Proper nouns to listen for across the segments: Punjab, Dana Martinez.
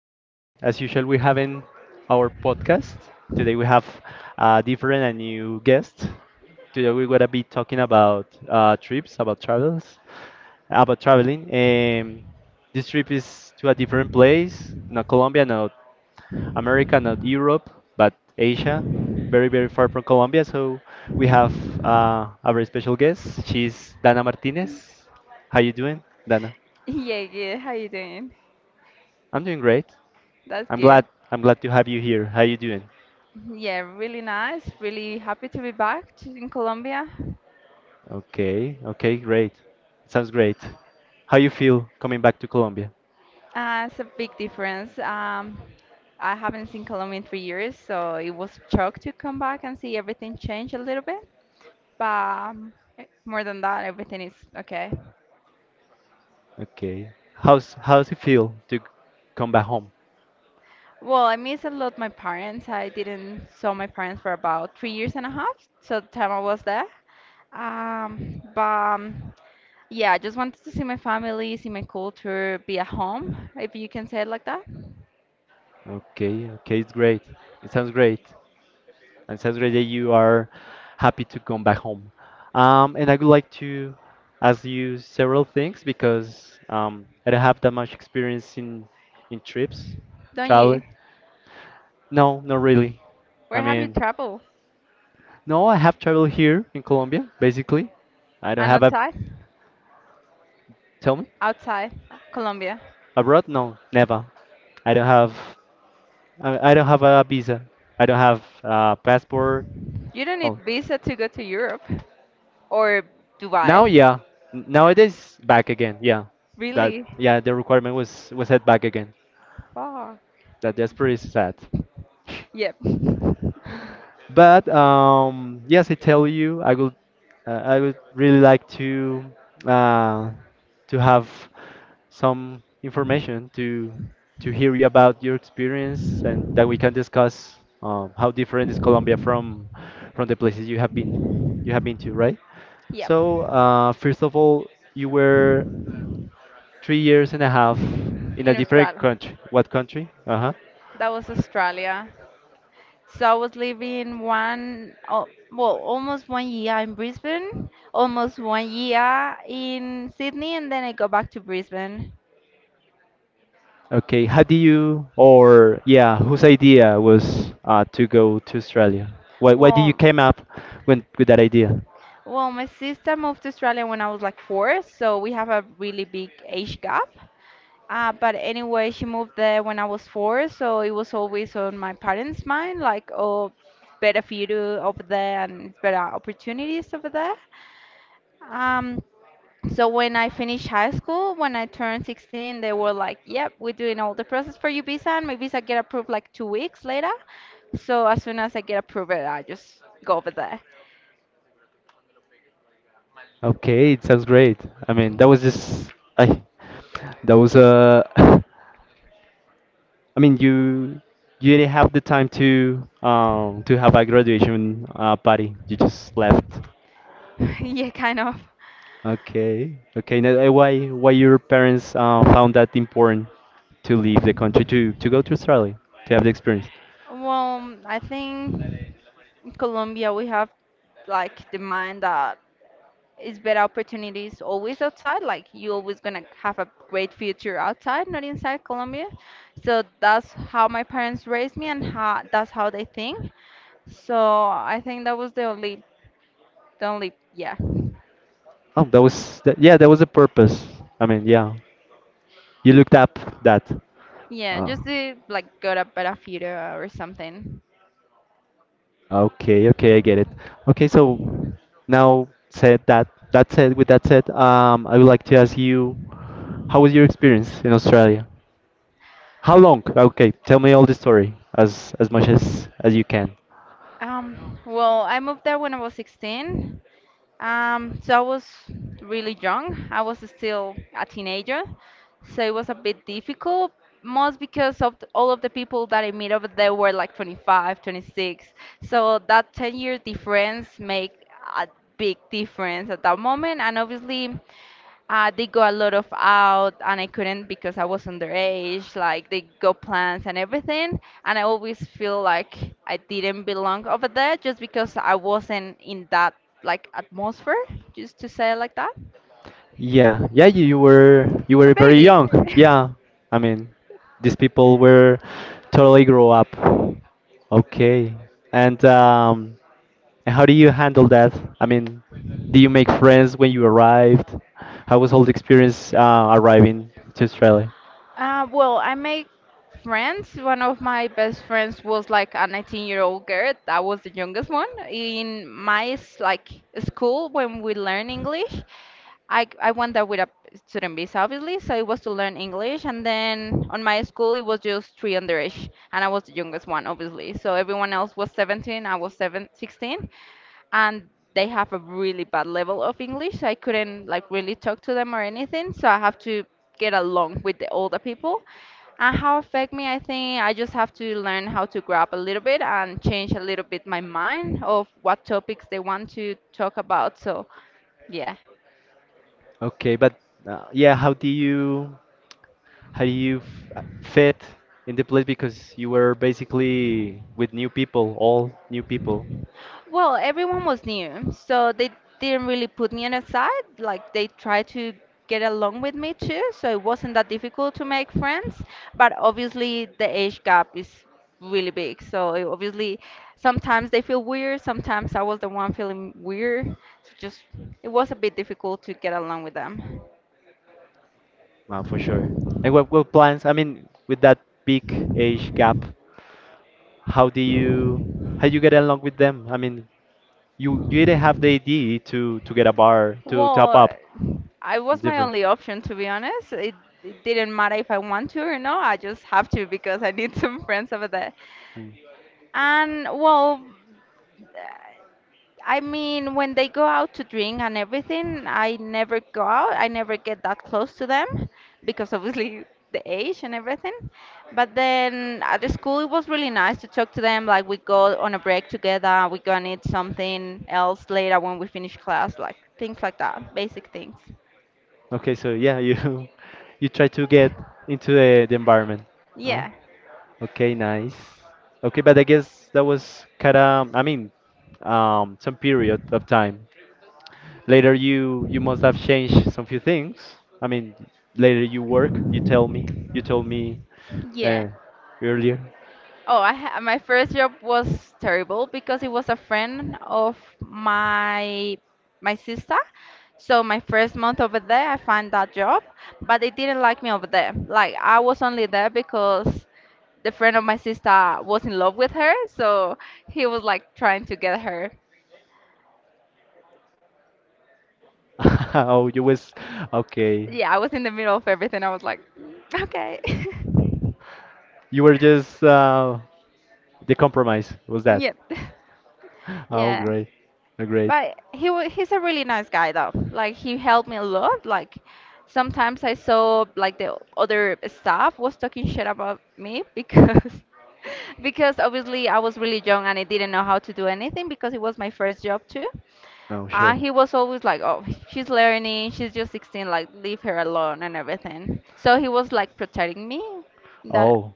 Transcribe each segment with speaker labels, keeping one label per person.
Speaker 1: As usual, we have in our podcast. Today we have a different and new guest. Today we're gonna be talking about trips, about travels, about traveling. This trip is to a different place, not Colombia, not America, not Europe, but Asia, very very far from Colombia. So we have a very special guest. She's Dana Martinez. How you doing, Dana?
Speaker 2: Yeah, good. How you doing?
Speaker 1: I'm doing great.
Speaker 2: That's
Speaker 1: I'm
Speaker 2: good.
Speaker 1: glad. I'm glad to have you here. How you doing?
Speaker 2: Yeah, really nice. Really happy to be in Colombia.
Speaker 1: Okay. Okay. Great. Sounds great. How you feel coming back to Colombia?
Speaker 2: It's a big difference. I haven't seen Colombia in 3 years, so it was a shock to come back and see everything change a little bit. But more than that, everything is okay.
Speaker 1: Okay. How's it feel to come back home?
Speaker 2: Well, I miss a lot my parents. I didn't saw my parents for about 3 years and a half, so the time I was there. But yeah, I just wanted to see my family, see my culture, be at home, if you can say it like that.
Speaker 1: Okay. Okay. It's great. It sounds great. And it sounds great that you are happy to come back home. And I would like to ask you several things because I don't have that much experience in trips,
Speaker 2: Don't you?
Speaker 1: traveling. No, not really. I
Speaker 2: Where have you
Speaker 1: mean,
Speaker 2: traveled?
Speaker 1: no, I have traveled here in Colombia, basically. I don't
Speaker 2: And
Speaker 1: have a.
Speaker 2: outside?
Speaker 1: Tell me.
Speaker 2: Outside Colombia.
Speaker 1: Abroad? No, never. I don't have. I don't have a visa. I don't have a passport.
Speaker 2: You don't need
Speaker 1: Oh,
Speaker 2: visa to go to Europe or Dubai.
Speaker 1: now yeah. Nowadays back again. Yeah, that
Speaker 2: Really?
Speaker 1: yeah. The requirement was head back again.
Speaker 2: Fuck.
Speaker 1: That's pretty sad.
Speaker 2: Yep.
Speaker 1: But yes, I tell you, I would really like uh, to have some information to hear you about your experience and that we can discuss how different is Colombia from the places you have been to, right?
Speaker 2: Yep.
Speaker 1: So first of all, you were 3 years and a half in a
Speaker 2: In
Speaker 1: different
Speaker 2: Australia.
Speaker 1: country. What country? Uh huh.
Speaker 2: That was Australia. So I was living almost one year in Brisbane, almost one year in Sydney, and then I go back to Brisbane.
Speaker 1: Okay. How do you or yeah, whose idea was to go to Australia? Why did you
Speaker 2: Well,
Speaker 1: came up with that idea?
Speaker 2: well, my sister moved to Australia when I was like four, so we have a really big age gap. But anyway, she moved there when I was four, so it was always on my parents' mind, like, oh, better for you to over there and better opportunities over there. Um, So when I finished high school, when I turned 16, they were like, "Yep, we're doing all the process for your visa, and my visa get approved like 2 weeks later." So as soon as I get approved, I just go over there.
Speaker 1: Okay, it sounds great. I mean, that was just I Those I mean you didn't have the time to have a graduation party. You just left.
Speaker 2: Yeah, kind of.
Speaker 1: Okay, okay. Now, why your parents found that important to leave the country to go to Australia to have the experience?
Speaker 2: Well, I think in Colombia we have like the mind that it's better opportunities always outside. Like you always gonna have a great future outside, not inside Colombia. So that's how my parents raised me, and how that's how they think. So I think that was the only, yeah,
Speaker 1: Oh, that was that, yeah, that was the purpose. I mean, yeah, you looked up that.
Speaker 2: yeah, just
Speaker 1: Oh,
Speaker 2: to like get a better future or something.
Speaker 1: okay, okay, I get it. Okay, so now said that said with that said, I would like to ask you, how was your experience in Australia? How long? Okay, tell me all the story as much as you can.
Speaker 2: Well, I moved there when I was 16. So I was really young. I was still a teenager. So it was a bit difficult, most because of all of the people that I meet over there were like 25, 26. So that 10-year difference make a big difference at that moment. And obviously, they go a lot of out, and I couldn't because I was underage. Like they go plans and everything, and I always feel like I didn't belong over there just because I wasn't in that like atmosphere. Just to say it like that.
Speaker 1: Yeah, yeah, you were you
Speaker 2: A
Speaker 1: were very
Speaker 2: baby.
Speaker 1: young. Yeah, I mean, these people were totally grow up. Okay, and um, and how do you handle that? I mean, do you make friends when you arrived? How was all the experience arriving to Australia?
Speaker 2: Well, I make friends. One of my best friends was like a 19-year-old girl. That was the youngest one in like school when we learn English. I went there with a student visa, obviously, so it was to learn English. And then on my school, it was just three underage, and I was the youngest one, obviously. So everyone else was 17, I was seven, 16, and they have a really bad level of English. So I couldn't like really talk to them or anything, so I have to get along with the older people. And how affect me? I think I just have to learn how to grab a little bit and change a little bit my mind of what topics they want to talk about. So, yeah.
Speaker 1: Okay, but yeah, how do you? How do you f- fit in the place because you were basically with new people, all new people,
Speaker 2: Well, everyone was new, so they didn't really put me on a side. Like they tried to get along with me too, so it wasn't that difficult to make friends. But obviously, the age gap is really big, so it obviously sometimes they feel weird. Sometimes I was the one feeling weird, so just it was a bit difficult to get along with them.
Speaker 1: well, for sure. And what plans? I mean, with that big age gap, how do you how do you get along with them? I mean, you didn't have the idea to get a bar to top
Speaker 2: Well,
Speaker 1: up.
Speaker 2: I
Speaker 1: It's
Speaker 2: was my
Speaker 1: different.
Speaker 2: only option to be honest. It didn't matter if I want to or no. I just have to because I need some friends over there.
Speaker 1: Mm.
Speaker 2: And well, I mean, when they go out to drink and everything, I never go out. I never get that close to them because obviously the age and everything. But then at the school, it was really nice to talk to them. Like we go on a break together, we go and eat something else later when we finish class, like things like that, basic things.
Speaker 1: Okay, so yeah, you you try to get into the environment. Huh?
Speaker 2: Yeah,
Speaker 1: Okay, nice. Okay, but I guess that was kind of, I mean, some period of time. Later, you must have changed some few things. I mean, later you work. You tell me. You told me
Speaker 2: yeah.
Speaker 1: uh, earlier.
Speaker 2: Oh, I ha My first job was terrible because it was a friend of my sister. So my first month over there, I found that job, but they didn't like me over there. Like I was only there because the friend of my sister was in love with her, so he was like trying to get her.
Speaker 1: Oh, you was okay.
Speaker 2: Yeah, I was in the middle of everything. I was like, "Mm, okay,
Speaker 1: You were just the compromise was that.
Speaker 2: yep,
Speaker 1: Oh,
Speaker 2: yeah.
Speaker 1: great, oh, great.
Speaker 2: But he's a really nice guy though. Like he helped me a lot. Like sometimes I saw like the other staff was talking shit about me because because obviously I was really young and I didn't know how to do anything because it was my first job too.
Speaker 1: Oh,
Speaker 2: And
Speaker 1: sure.
Speaker 2: he was always like, "Oh, she's learning. She's just 16. Like leave her alone and everything." So he was like protecting me. That
Speaker 1: Oh,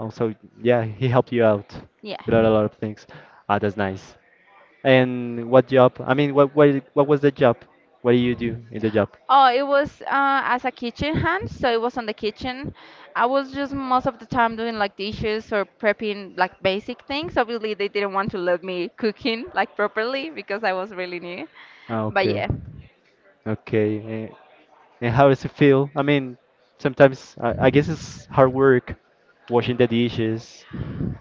Speaker 1: oh, so yeah, he helped you out
Speaker 2: yeah.
Speaker 1: with a lot of things. Ah, that's nice. And what job? I mean, what was the job? What do you do in the job?
Speaker 2: Oh, it was as a kitchen hand, so it was on the kitchen. I was just most of the time doing like dishes or prepping like basic things. Obviously, they didn't want to let me cooking like properly because I was really new.
Speaker 1: Ah,
Speaker 2: But
Speaker 1: okay,
Speaker 2: yeah.
Speaker 1: okay. And how does it feel? I mean, sometimes I guess it's hard work, washing the dishes.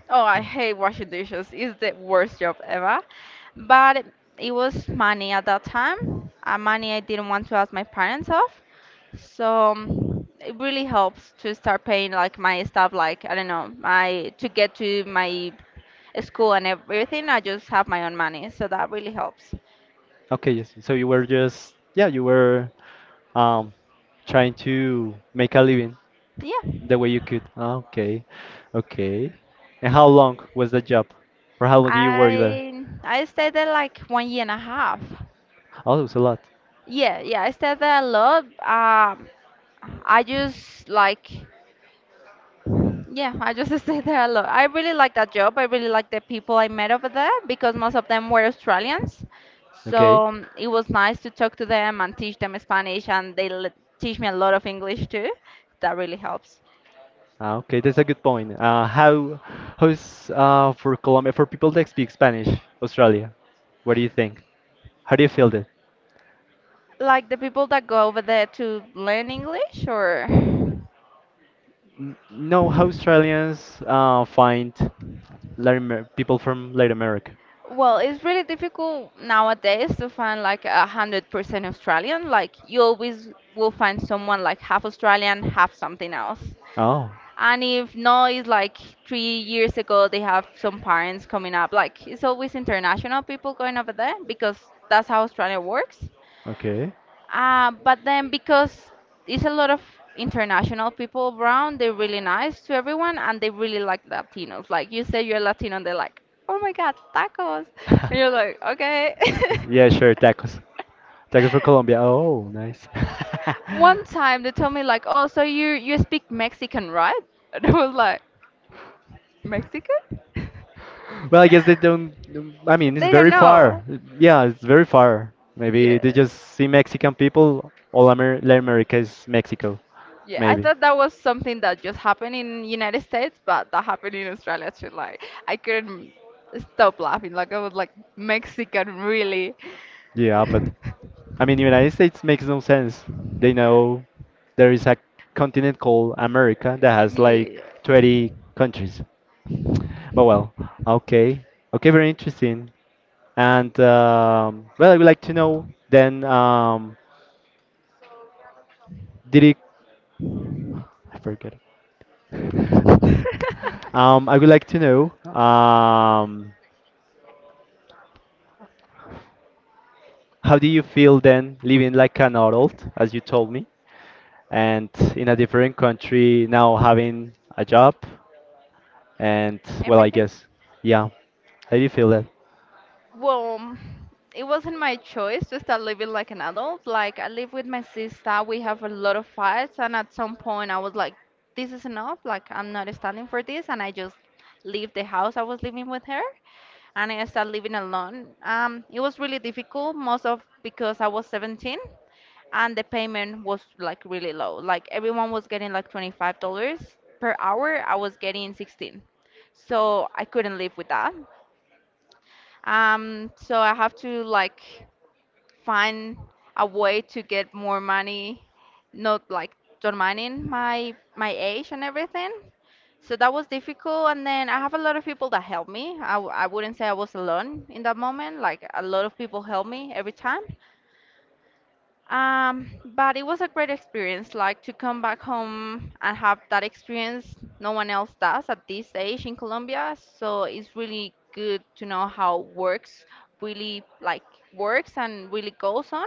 Speaker 2: Oh, I hate washing dishes. It's the worst job ever. But it was money at that time, money I didn't want to ask my parents of. So it really helps to start paying like my stuff, like I don't know, my to get to my school and everything. I just have my own money, so that really helps.
Speaker 1: Okay, yes. So you were just yeah, you were um trying to make a living.
Speaker 2: Yeah,
Speaker 1: The way you could. Ah, okay. Okay. And how long was the job? For how long did you work there?
Speaker 2: I stayed there like one year and a half.
Speaker 1: Oh, it was a lot.
Speaker 2: Yeah, yeah, I stay there a lot. I just like, yeah, I just stay there a lot. I really like that job. I really like the people I met over there because most of them were Australians. So
Speaker 1: Okay.
Speaker 2: um, it was nice to talk to them and teach them Spanish, and they l teach me a lot of English too. That really helps.
Speaker 1: Ah, okay, that's a good point. How's for Colombia for people that speak Spanish, Australia? What do you think? How do you feel that?
Speaker 2: Like the people that go over there to learn English, or
Speaker 1: No, how Australians find people from Latin America?
Speaker 2: well, it's really difficult nowadays to find like 100% Australian. Like you always will find someone like half Australian, half something else.
Speaker 1: Oh,
Speaker 2: And if no, it's like 3 years ago they have some parents coming up. Like it's always international people going over there because that's how Australia works.
Speaker 1: okay.
Speaker 2: But then because it's a lot of international people around, they're really nice to everyone and they really like Latinos. Like you say you're Latino and they're like, oh my God, tacos. And you're like, okay.
Speaker 1: Yeah, sure, tacos. Tacos for Colombia. Oh, nice.
Speaker 2: One time they told me like, oh, so you speak Mexican, right? And I was like, Mexican?
Speaker 1: Well, I guess they don't. I mean, it's
Speaker 2: They don't
Speaker 1: very far.
Speaker 2: know.
Speaker 1: Yeah, it's very far. Maybe
Speaker 2: Yeah.
Speaker 1: they just see Mexican people. All Amer Latin America is Mexico.
Speaker 2: Yeah, I
Speaker 1: Maybe.
Speaker 2: thought that was something that just happened in United States, but that happened in Australia too. Like I couldn't stop laughing. Like I was like Mexican, really.
Speaker 1: Yeah, but I mean, United States makes no sense. They know there is a continent called America that has like
Speaker 2: Yeah.
Speaker 1: 20 countries. But well, okay. Okay, very interesting. And well, I would like to know then, did it? I forget. I would like to know, how do you feel then living like an adult, as you told me, and in a different country now having a job? And well, I
Speaker 2: Everything.
Speaker 1: guess, yeah. How do you feel that?
Speaker 2: Well, it wasn't my choice to start living like an adult. Like, I live with my sister, we have a lot of fights, and at some point I was like, this is enough. Like, I'm not standing for this, and I just leave the house I was living with her, and I started living alone. It was really difficult, most of because I was 17, and the payment was like really low. Like, everyone was getting like $25 per hour, I was getting 16. So I couldn't live with that. So I have to like find a way to get more money, not like undermining my age and everything. So that was difficult. And then I have a lot of people that help me. I wouldn't say I was alone in that moment. Like a lot of people help me every time. But it was a great experience, like to come back home and have that experience. No one else does at this age in Colombia, so it's really good to know how works really like works and really goes on.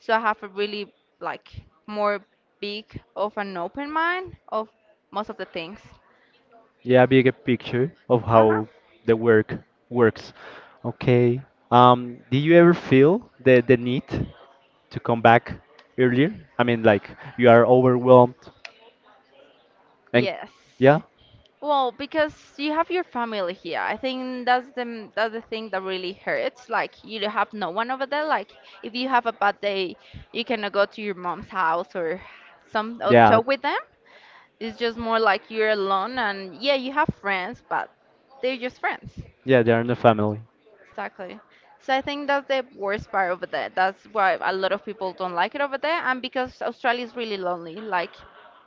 Speaker 2: So I have a really like more big of an open mind of most of the things.
Speaker 1: Yeah, bigger picture of
Speaker 2: Uh-huh.
Speaker 1: how the work works. Okay. Do you ever feel the need? To come back earlier? I mean, like you are overwhelmed, and
Speaker 2: Yes.
Speaker 1: yeah,
Speaker 2: Well, because you have your family here. I think that's the thing that really hurts. Like you don't have no one over there. Like if you have a bad day, you cannot go to your mom's house or some or
Speaker 1: yeah,
Speaker 2: talk with them. It's just more like you're alone and yeah, you have friends, but they're just friends.
Speaker 1: yeah, they are in the family.
Speaker 2: Exactly. So I think that's the worst part over there. That's why a lot of people don't like it over there, and because Australia is really lonely. Like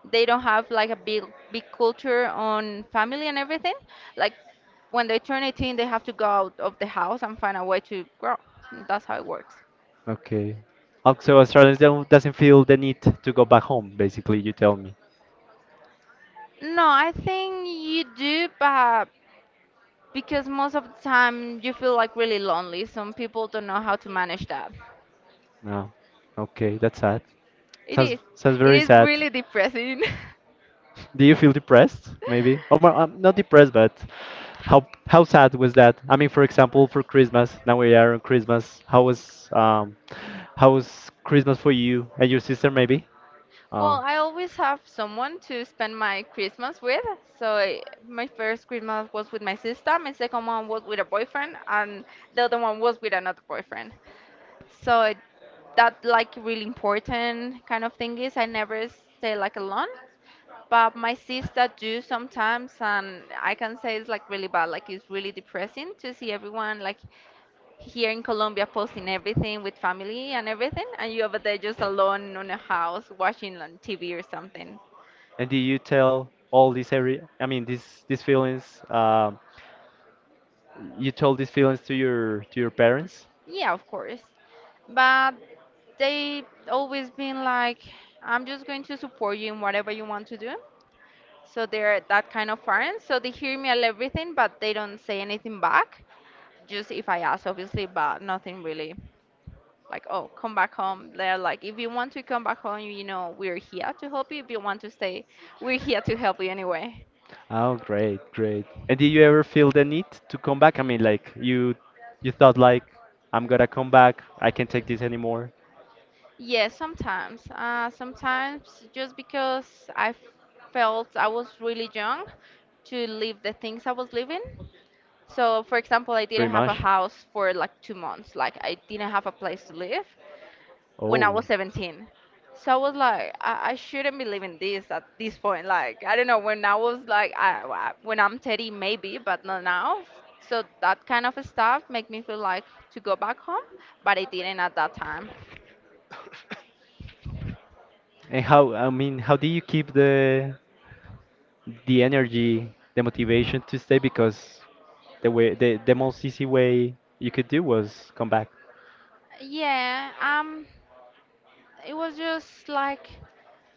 Speaker 2: they don't have like a big culture on family and everything. Like when they turn 18, they have to go out of the house and find a way to grow. That's how it works.
Speaker 1: Okay. Also, Australians don't doesn't feel the need to go back home. Basically, you tell me.
Speaker 2: No, I think you do, but because most of the time you feel like really lonely. Some people don't know how to manage that.
Speaker 1: No. Okay, that's sad.
Speaker 2: It
Speaker 1: Sounds
Speaker 2: is.
Speaker 1: sounds
Speaker 2: It
Speaker 1: very
Speaker 2: is
Speaker 1: sad.
Speaker 2: really depressing.
Speaker 1: Do you feel depressed? Maybe. Oh, well, I'm not depressed, but how sad was that? I mean, for example, for Christmas. Now we are on Christmas. How was Christmas for you and your sister? Maybe.
Speaker 2: Well,
Speaker 1: Oh.
Speaker 2: I always have someone to spend my Christmas with. So my first Christmas was with my sister, my second one was with a boyfriend, and the other one was with another boyfriend. So that like really important kind of thing is I never stay like alone. But my sister do sometimes, and I can say it's like really bad. Like it's really depressing to see everyone like here in Colombia posting everything with family and everything, and you over there just alone on a house watching on TV or something.
Speaker 1: And did you tell all these every? I mean, these feelings. You told these feelings to your parents.
Speaker 2: Yeah, of course. But they always been like, I'm just going to support you in whatever you want to do. So they're that kind of parents. So they hear me and everything, but they don't say anything back. Just if I ask, obviously, but nothing really. Like, oh, come back home. They're like, if you want to come back home, we're here to help you. If you want to stay, we're here to help you anyway.
Speaker 1: Oh, great, great. And did you ever feel the need to come back? I mean, like you thought like, I'm gonna come back. I can't take this anymore.
Speaker 2: Yes, sometimes. Sometimes just because I felt I was really young to live the things I was living. So, for example, I
Speaker 1: Pretty
Speaker 2: didn't have a
Speaker 1: much.
Speaker 2: house for like 2 months. Like, I didn't have a place to live when I
Speaker 1: Oh.
Speaker 2: was 17. So I was like, I shouldn't be living this at this point. Like, I don't know, when I was like, when I'm 30, maybe, but not now. So that kind of stuff make me feel like to go back home, but I didn't at that time.
Speaker 1: And how, I mean, how do you keep the energy, the motivation to stay? Because the way, the most easy way you could do was come back.
Speaker 2: Yeah, it was just like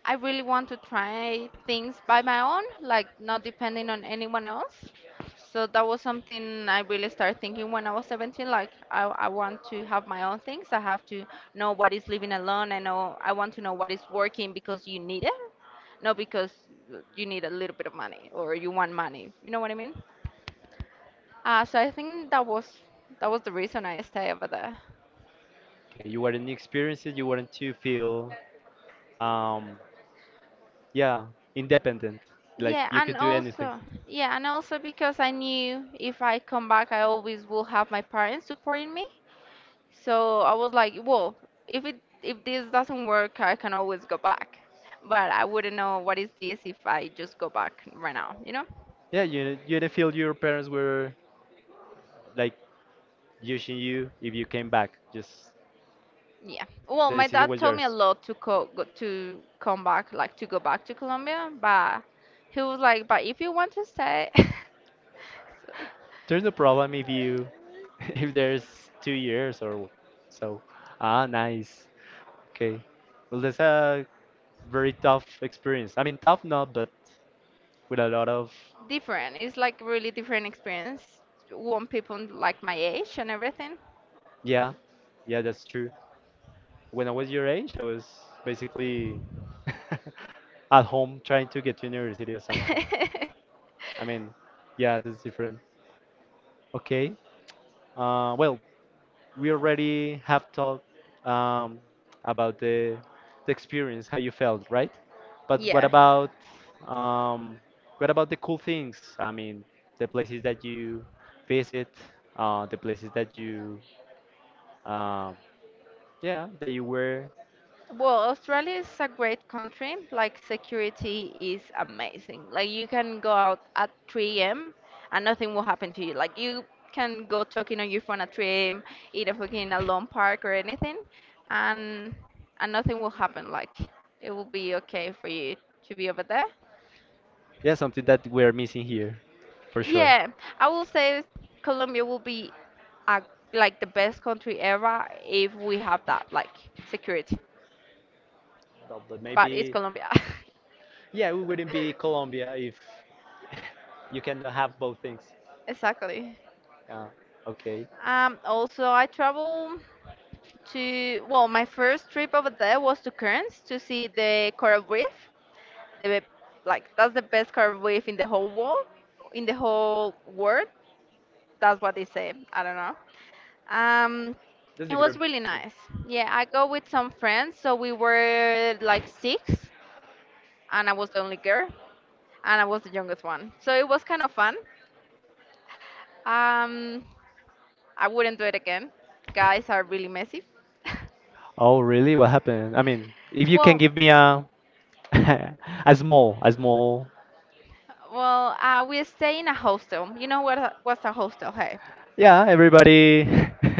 Speaker 2: I really want to try things by my own, like not depending on anyone else. So that was something I really started thinking when I was 17. Like I want to have my own things. I have to know what is living alone. I know I want to know what is working because you need it, not because you need a little bit of money or you want money. You know what I mean? So I think that was the reason I stayed over there.
Speaker 1: Okay, you weren't experienced, you weren't to feel um, yeah, independent. Like
Speaker 2: Yeah,
Speaker 1: you
Speaker 2: and
Speaker 1: could do anything.
Speaker 2: also, yeah, and also because I knew if I come back, I always will have my parents supporting me. So I was like, well, if this doesn't work, I can always go back. But I wouldn't know what is this if I just go back right now, you know?
Speaker 1: Yeah, you didn't feel your parents were like using you if you came back. Just
Speaker 2: Yeah. Well,
Speaker 1: the
Speaker 2: my
Speaker 1: decision
Speaker 2: dad
Speaker 1: was
Speaker 2: told me a
Speaker 1: yours.
Speaker 2: lot to to come back, like to go back to Colombia, but he was like, but if you want to stay,
Speaker 1: There's no problem if you if there's 2 years or so. Ah, nice. Okay. Well, that's a very tough experience. I mean, tough not, but with a lot of
Speaker 2: different. It's like really different experience. One people like my age and everything.
Speaker 1: yeah, yeah, that's true. When I was your age, I was basically at home trying to get to university or something. I mean, yeah, that's different. Okay. Well, we already have talked um, about the experience, how you felt, right? But
Speaker 2: Yeah.
Speaker 1: um, what about the cool things? I mean, the places that you visit, the places that you, um, yeah, that you were,
Speaker 2: Well, Australia is a great country. Like security is amazing. Like you can go out at 3 a.m. and nothing will happen to you. Like you can go talking on your phone at 3 a.m. in a fucking a lawn park or anything, and and nothing will happen. Like it will be okay for you to be over there.
Speaker 1: yeah, something that we're missing here, for sure.
Speaker 2: Yeah, I will say Colombia will be a, like the best country ever if we have that like security.
Speaker 1: Well, but
Speaker 2: But it's
Speaker 1: maybe,
Speaker 2: Colombia.
Speaker 1: yeah, we wouldn't be Colombia if you cannot have both things.
Speaker 2: Exactly.
Speaker 1: Yeah. Okay,
Speaker 2: Also, I travel well, my first trip over there was to Cairns to see the coral reef. The like that's the best coral reef in the whole world, in the whole world. That's what they say. I don't know. Um,
Speaker 1: that's a
Speaker 2: it
Speaker 1: great.
Speaker 2: was really
Speaker 1: Yeah.
Speaker 2: nice. Yeah, I go with some friends, so we were like six, and I was the only girl, and I was the youngest one. So it was kind of fun. Um, I wouldn't do it again. Guys are really messy.
Speaker 1: Oh, really? What happened? I mean, if you can
Speaker 2: well,
Speaker 1: give me a a small.
Speaker 2: we stay in a hostel. You know what? What's a hostel? Hey.
Speaker 1: Yeah, everybody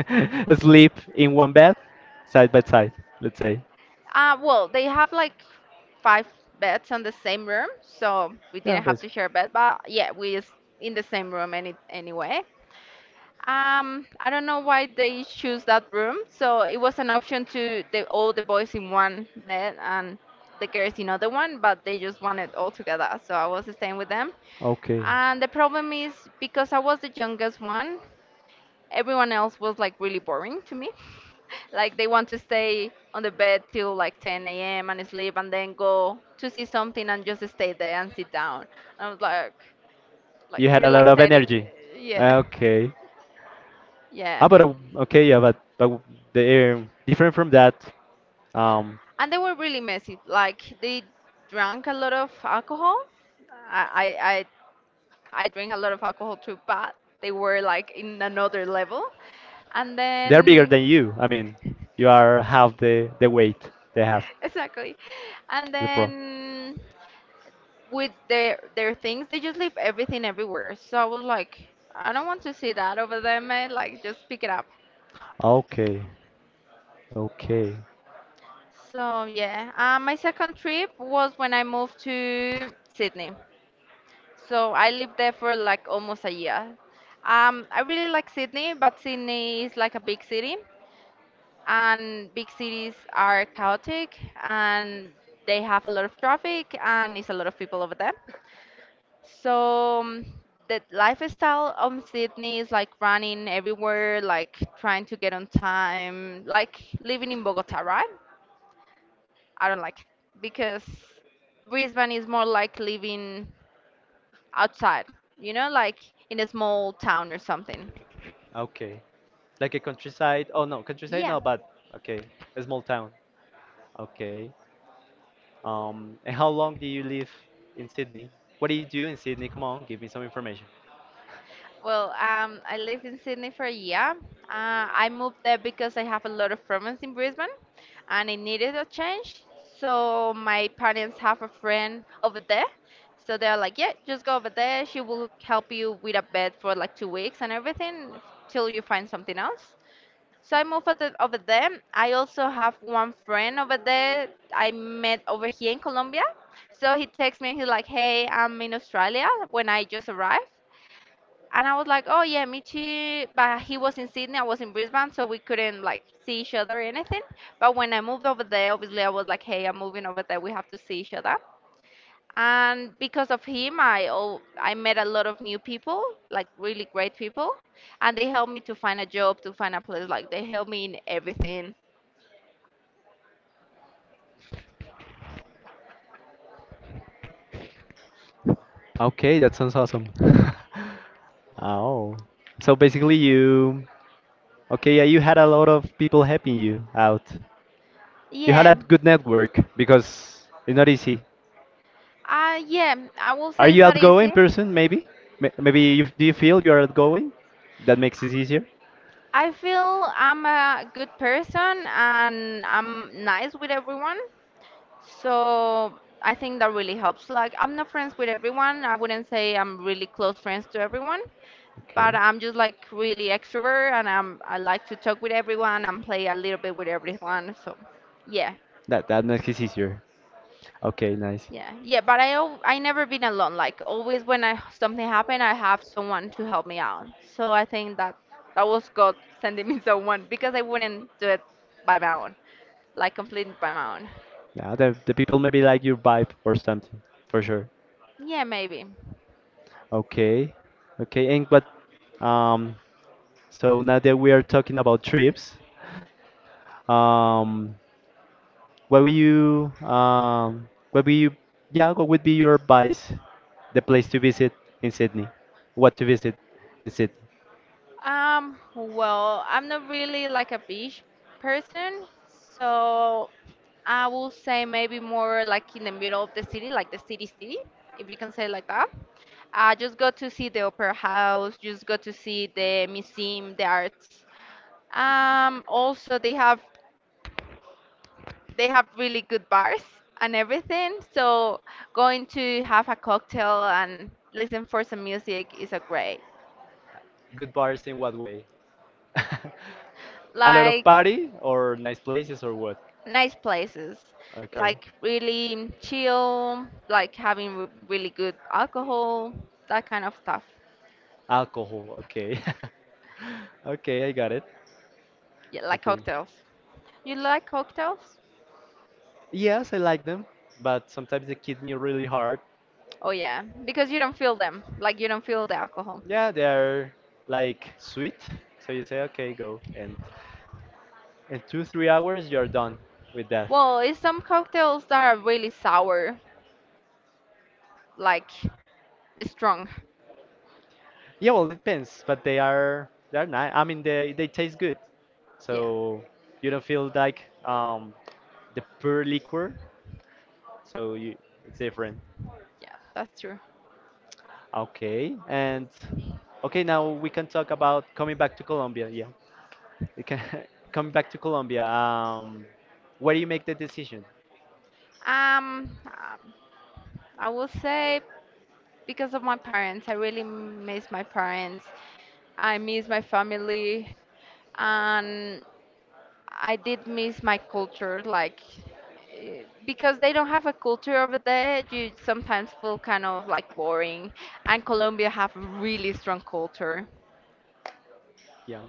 Speaker 1: sleep in one bed, side by side. Let's say.
Speaker 2: Well, they have like five beds on the same room, so we
Speaker 1: Yeah,
Speaker 2: didn't have to
Speaker 1: basically.
Speaker 2: share a bed. But yeah, we is in the same room anyway. I don't know why they choose that room. So it was an option to the all the boys in one bed and the girls in other one, but they just wanted all together. So I was staying with them.
Speaker 1: Okay.
Speaker 2: And the problem is because I was the youngest one, everyone else was like really boring to me. like they want to stay on the bed till like 10 a.m. and sleep and then go to see something and just stay there and sit down. And I was like
Speaker 1: You had
Speaker 2: you're
Speaker 1: a lot
Speaker 2: like
Speaker 1: of
Speaker 2: 30.
Speaker 1: energy.
Speaker 2: Yeah.
Speaker 1: Okay. Ah,
Speaker 2: Yeah.
Speaker 1: but okay, yeah, but they're different from that. Um,
Speaker 2: And they were really messy. Like they drank a lot of alcohol. I I I, I drink a lot of alcohol too, but they were like in another level. And
Speaker 1: they're bigger
Speaker 2: then
Speaker 1: than you. I mean, you are half the weight they have.
Speaker 2: exactly, and
Speaker 1: The pro.
Speaker 2: then with their things, they just leave everything everywhere. So I was like, I don't want to see that over there, man. Like just pick it up.
Speaker 1: Okay. Okay.
Speaker 2: So yeah, my second trip was when I moved to Sydney. So I lived there for like almost a year. I really like Sydney, but Sydney is like a big city, and big cities are chaotic and they have a lot of traffic and it's a lot of people over there. So the lifestyle of Sydney is like running everywhere, like trying to get on time, like living in Bogota, right? I don't like it because Brisbane is more like living outside, you know, like in a small town or something.
Speaker 1: Okay. Like a countryside. Oh no, countryside
Speaker 2: Yeah.
Speaker 1: no, but okay, a small town. Okay. And how long do you live in Sydney? What do you do in Sydney? Come on, give me some information.
Speaker 2: Well, I lived in Sydney for a year. I moved there because I have a lot of friends in Brisbane and I needed a change. So my parents have a friend over there. So they're like, yeah, just go over there. She will help you with a bed for like 2 weeks and everything till you find something else. So I moved over there. I also have one friend over there I met over here in Colombia. So he texts me and he's like, hey, I'm in Australia when I just arrived. And I was like, oh yeah, me too. But he was in Sydney, I was in Brisbane, so we couldn't like see each other or anything. But when I moved over there, obviously I was like, hey, I'm moving over there, we have to see each other and because of him I met a lot of new people, like really great people, and they helped me to find a job, to find a place. Like they helped me in everything.
Speaker 1: Okay, that sounds awesome. Oh, so basically you, okay, yeah, you had a lot of people helping you out. You had a
Speaker 2: Yeah.
Speaker 1: good network because it's not easy.
Speaker 2: Yeah, I will
Speaker 1: Are
Speaker 2: say it's
Speaker 1: you
Speaker 2: not
Speaker 1: outgoing
Speaker 2: easy.
Speaker 1: person? Maybe, maybe you, do you feel you are outgoing? That makes it easier.
Speaker 2: I feel I'm a good person and I'm nice with everyone, so I think that really helps. Like I'm not friends with everyone. I wouldn't say I'm really close friends to everyone,
Speaker 1: Okay.
Speaker 2: but I'm just like really extrovert and I like to talk with everyone and play a little bit with everyone. So yeah,
Speaker 1: That makes it easier. Okay, nice.
Speaker 2: yeah, yeah. But I never been alone. Like always when I something happen, I have someone to help me out. So I think that that was God sending me someone because I wouldn't do it by my own, like completely by my own.
Speaker 1: Yeah, the people maybe like your vibe or something, for sure.
Speaker 2: Yeah, maybe.
Speaker 1: Okay, okay, and but, Um, so now that we are talking about trips, um, what will you, um, what will you, yeah, what would be your advice, the place to visit in Sydney, what to visit in Sydney?
Speaker 2: Well, I'm not really like a beach person, so I will say maybe more like in the middle of the city, like the city city, if you can say like that. I just go to see the opera house, just go to see the museum, the arts. Also they have really good bars and everything, so going to have a cocktail and listen for some music is a great.
Speaker 1: Good bars in what way? A lot of
Speaker 2: Like
Speaker 1: party or nice places or what?
Speaker 2: nice places,
Speaker 1: Okay,
Speaker 2: like really chill, like having really good alcohol, that kind of stuff.
Speaker 1: alcohol. Okay, okay, I got it.
Speaker 2: Yeah, like
Speaker 1: Okay.
Speaker 2: cocktails. You like cocktails?
Speaker 1: Yes, I like them, but sometimes they hit me really hard.
Speaker 2: Oh yeah, because you don't feel them, like you don't feel the alcohol.
Speaker 1: Yeah, they're like sweet, so you say, okay, go, and in two, 3 hours you're done with that.
Speaker 2: Well, it's some cocktails that are really sour, like strong.
Speaker 1: Yeah, well, it depends, but they're nice. I mean, they taste good,
Speaker 2: Yeah,
Speaker 1: so you don't feel like the pure liquor, so you it's different.
Speaker 2: yeah, that's true.
Speaker 1: Okay, and okay, now we can talk about coming back to Colombia. Yeah. You can come back to Colombia. Where do you make the decision?
Speaker 2: Um, um, I will say because of my parents. I really miss my parents. I miss my family, and I did miss my culture. Like because they don't have a culture over there, you sometimes feel kind of like boring. And Colombia have really strong culture.
Speaker 1: Yeah.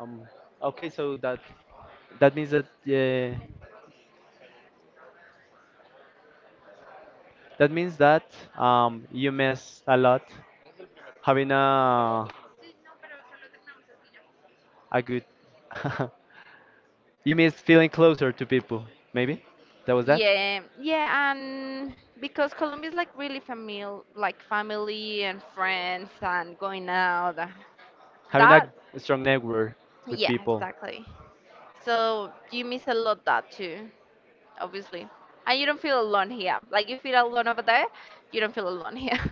Speaker 1: Um, okay, so that that means that that means that you miss a lot having a good. You miss feeling closer to people. Maybe that was that
Speaker 2: Yeah, yeah, and because Colombia is like really famil like family and friends and going out.
Speaker 1: having a
Speaker 2: That,
Speaker 1: strong network with
Speaker 2: yeah,
Speaker 1: people.
Speaker 2: exactly. So you miss a lot that too, obviously. And you don't feel alone here. Like you feel alone over there, you don't feel alone here.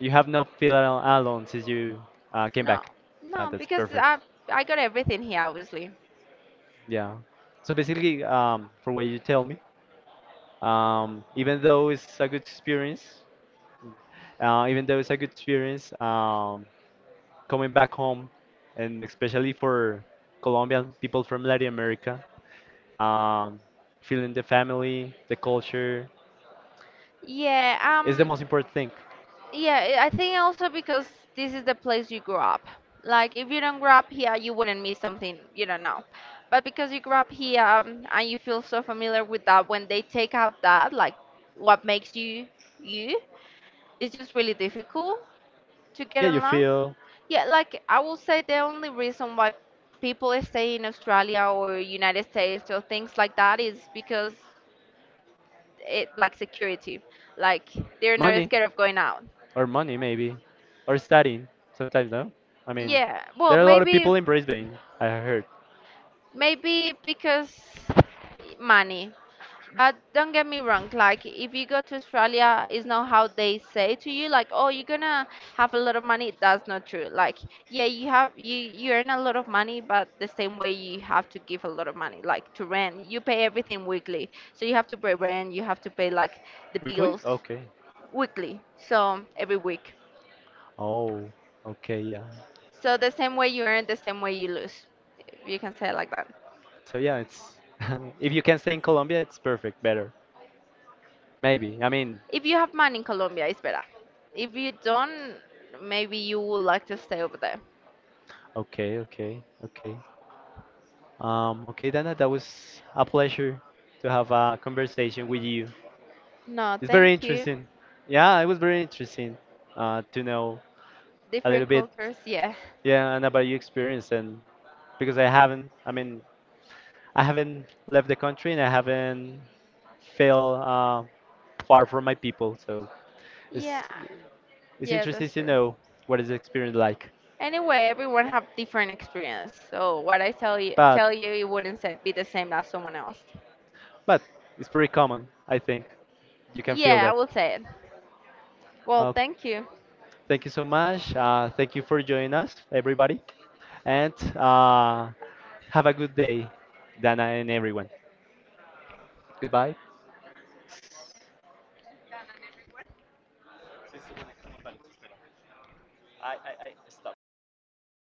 Speaker 1: You have not feel alone since you came
Speaker 2: No,
Speaker 1: back. Ah,
Speaker 2: no,
Speaker 1: that's
Speaker 2: because
Speaker 1: perfect.
Speaker 2: I got everything here, obviously.
Speaker 1: Yeah. So basically, for what you tell me, even though it's a good experience, uh, even though it's a good experience, um, coming back home, and especially for Colombian people from Latin America, um, feeling the family, the culture
Speaker 2: Yeah,
Speaker 1: is the most important thing.
Speaker 2: yeah, I think also because this is the place you grew up. Like if you don't grow up here, you wouldn't miss something you don't know. But because you grew up here and you feel so familiar with that, when they take out that, like what makes you, it's just really difficult to get
Speaker 1: Yeah, you
Speaker 2: along.
Speaker 1: feel
Speaker 2: Yeah, like I will say the only reason why people stay in Australia or United States or things like that is because it like security. Like they're not
Speaker 1: money,
Speaker 2: scared of going out.
Speaker 1: or money maybe, or studying sometimes, no? I mean,
Speaker 2: Yeah. Well,
Speaker 1: there are a lot of
Speaker 2: maybe
Speaker 1: people in Brisbane, I heard.
Speaker 2: because money. But don't get me wrong, like if you go to Australia, it's not how they say to you, like, oh, you're gonna have a lot of money. That's not true. Like, yeah, you have you earn a lot of money, but the same way you have to give a lot of money, like to rent. You pay everything weekly, so you have to pay rent, you have to pay like the
Speaker 1: Weekly?
Speaker 2: bills
Speaker 1: Okay.
Speaker 2: weekly, so every week.
Speaker 1: Oh, okay, yeah.
Speaker 2: So the same way you earn, the same way you lose. If you can say it like that.
Speaker 1: So yeah, it's if you can stay in Colombia, it's perfect, better. Maybe. I mean,
Speaker 2: If you have money in Colombia, it's better. If you don't, maybe you would like to stay over there.
Speaker 1: okay, okay, okay. Okay, Dana, that was a pleasure to have a conversation with you.
Speaker 2: No,
Speaker 1: It's very
Speaker 2: thank you.
Speaker 1: interesting. Yeah, it was very interesting to know a little
Speaker 2: Different
Speaker 1: bit,
Speaker 2: cultures, yeah.
Speaker 1: yeah, and about your experience and because I haven't, I mean, I haven't left the country and I haven't felt far from my people, so
Speaker 2: Yeah,
Speaker 1: it's It's
Speaker 2: yeah,
Speaker 1: interesting
Speaker 2: that's
Speaker 1: to
Speaker 2: true.
Speaker 1: know what is the experience like.
Speaker 2: Anyway, everyone have different experience, so what I
Speaker 1: But
Speaker 2: tell you, it wouldn't say, be the same as someone else.
Speaker 1: but it's pretty common, I think. You can feel
Speaker 2: Yeah, I
Speaker 1: that.
Speaker 2: will say it. Well,
Speaker 1: Uh,
Speaker 2: thank you.
Speaker 1: thank you so much. Thank you for joining us, everybody. And have a good day, Dana and everyone. Goodbye. I stop.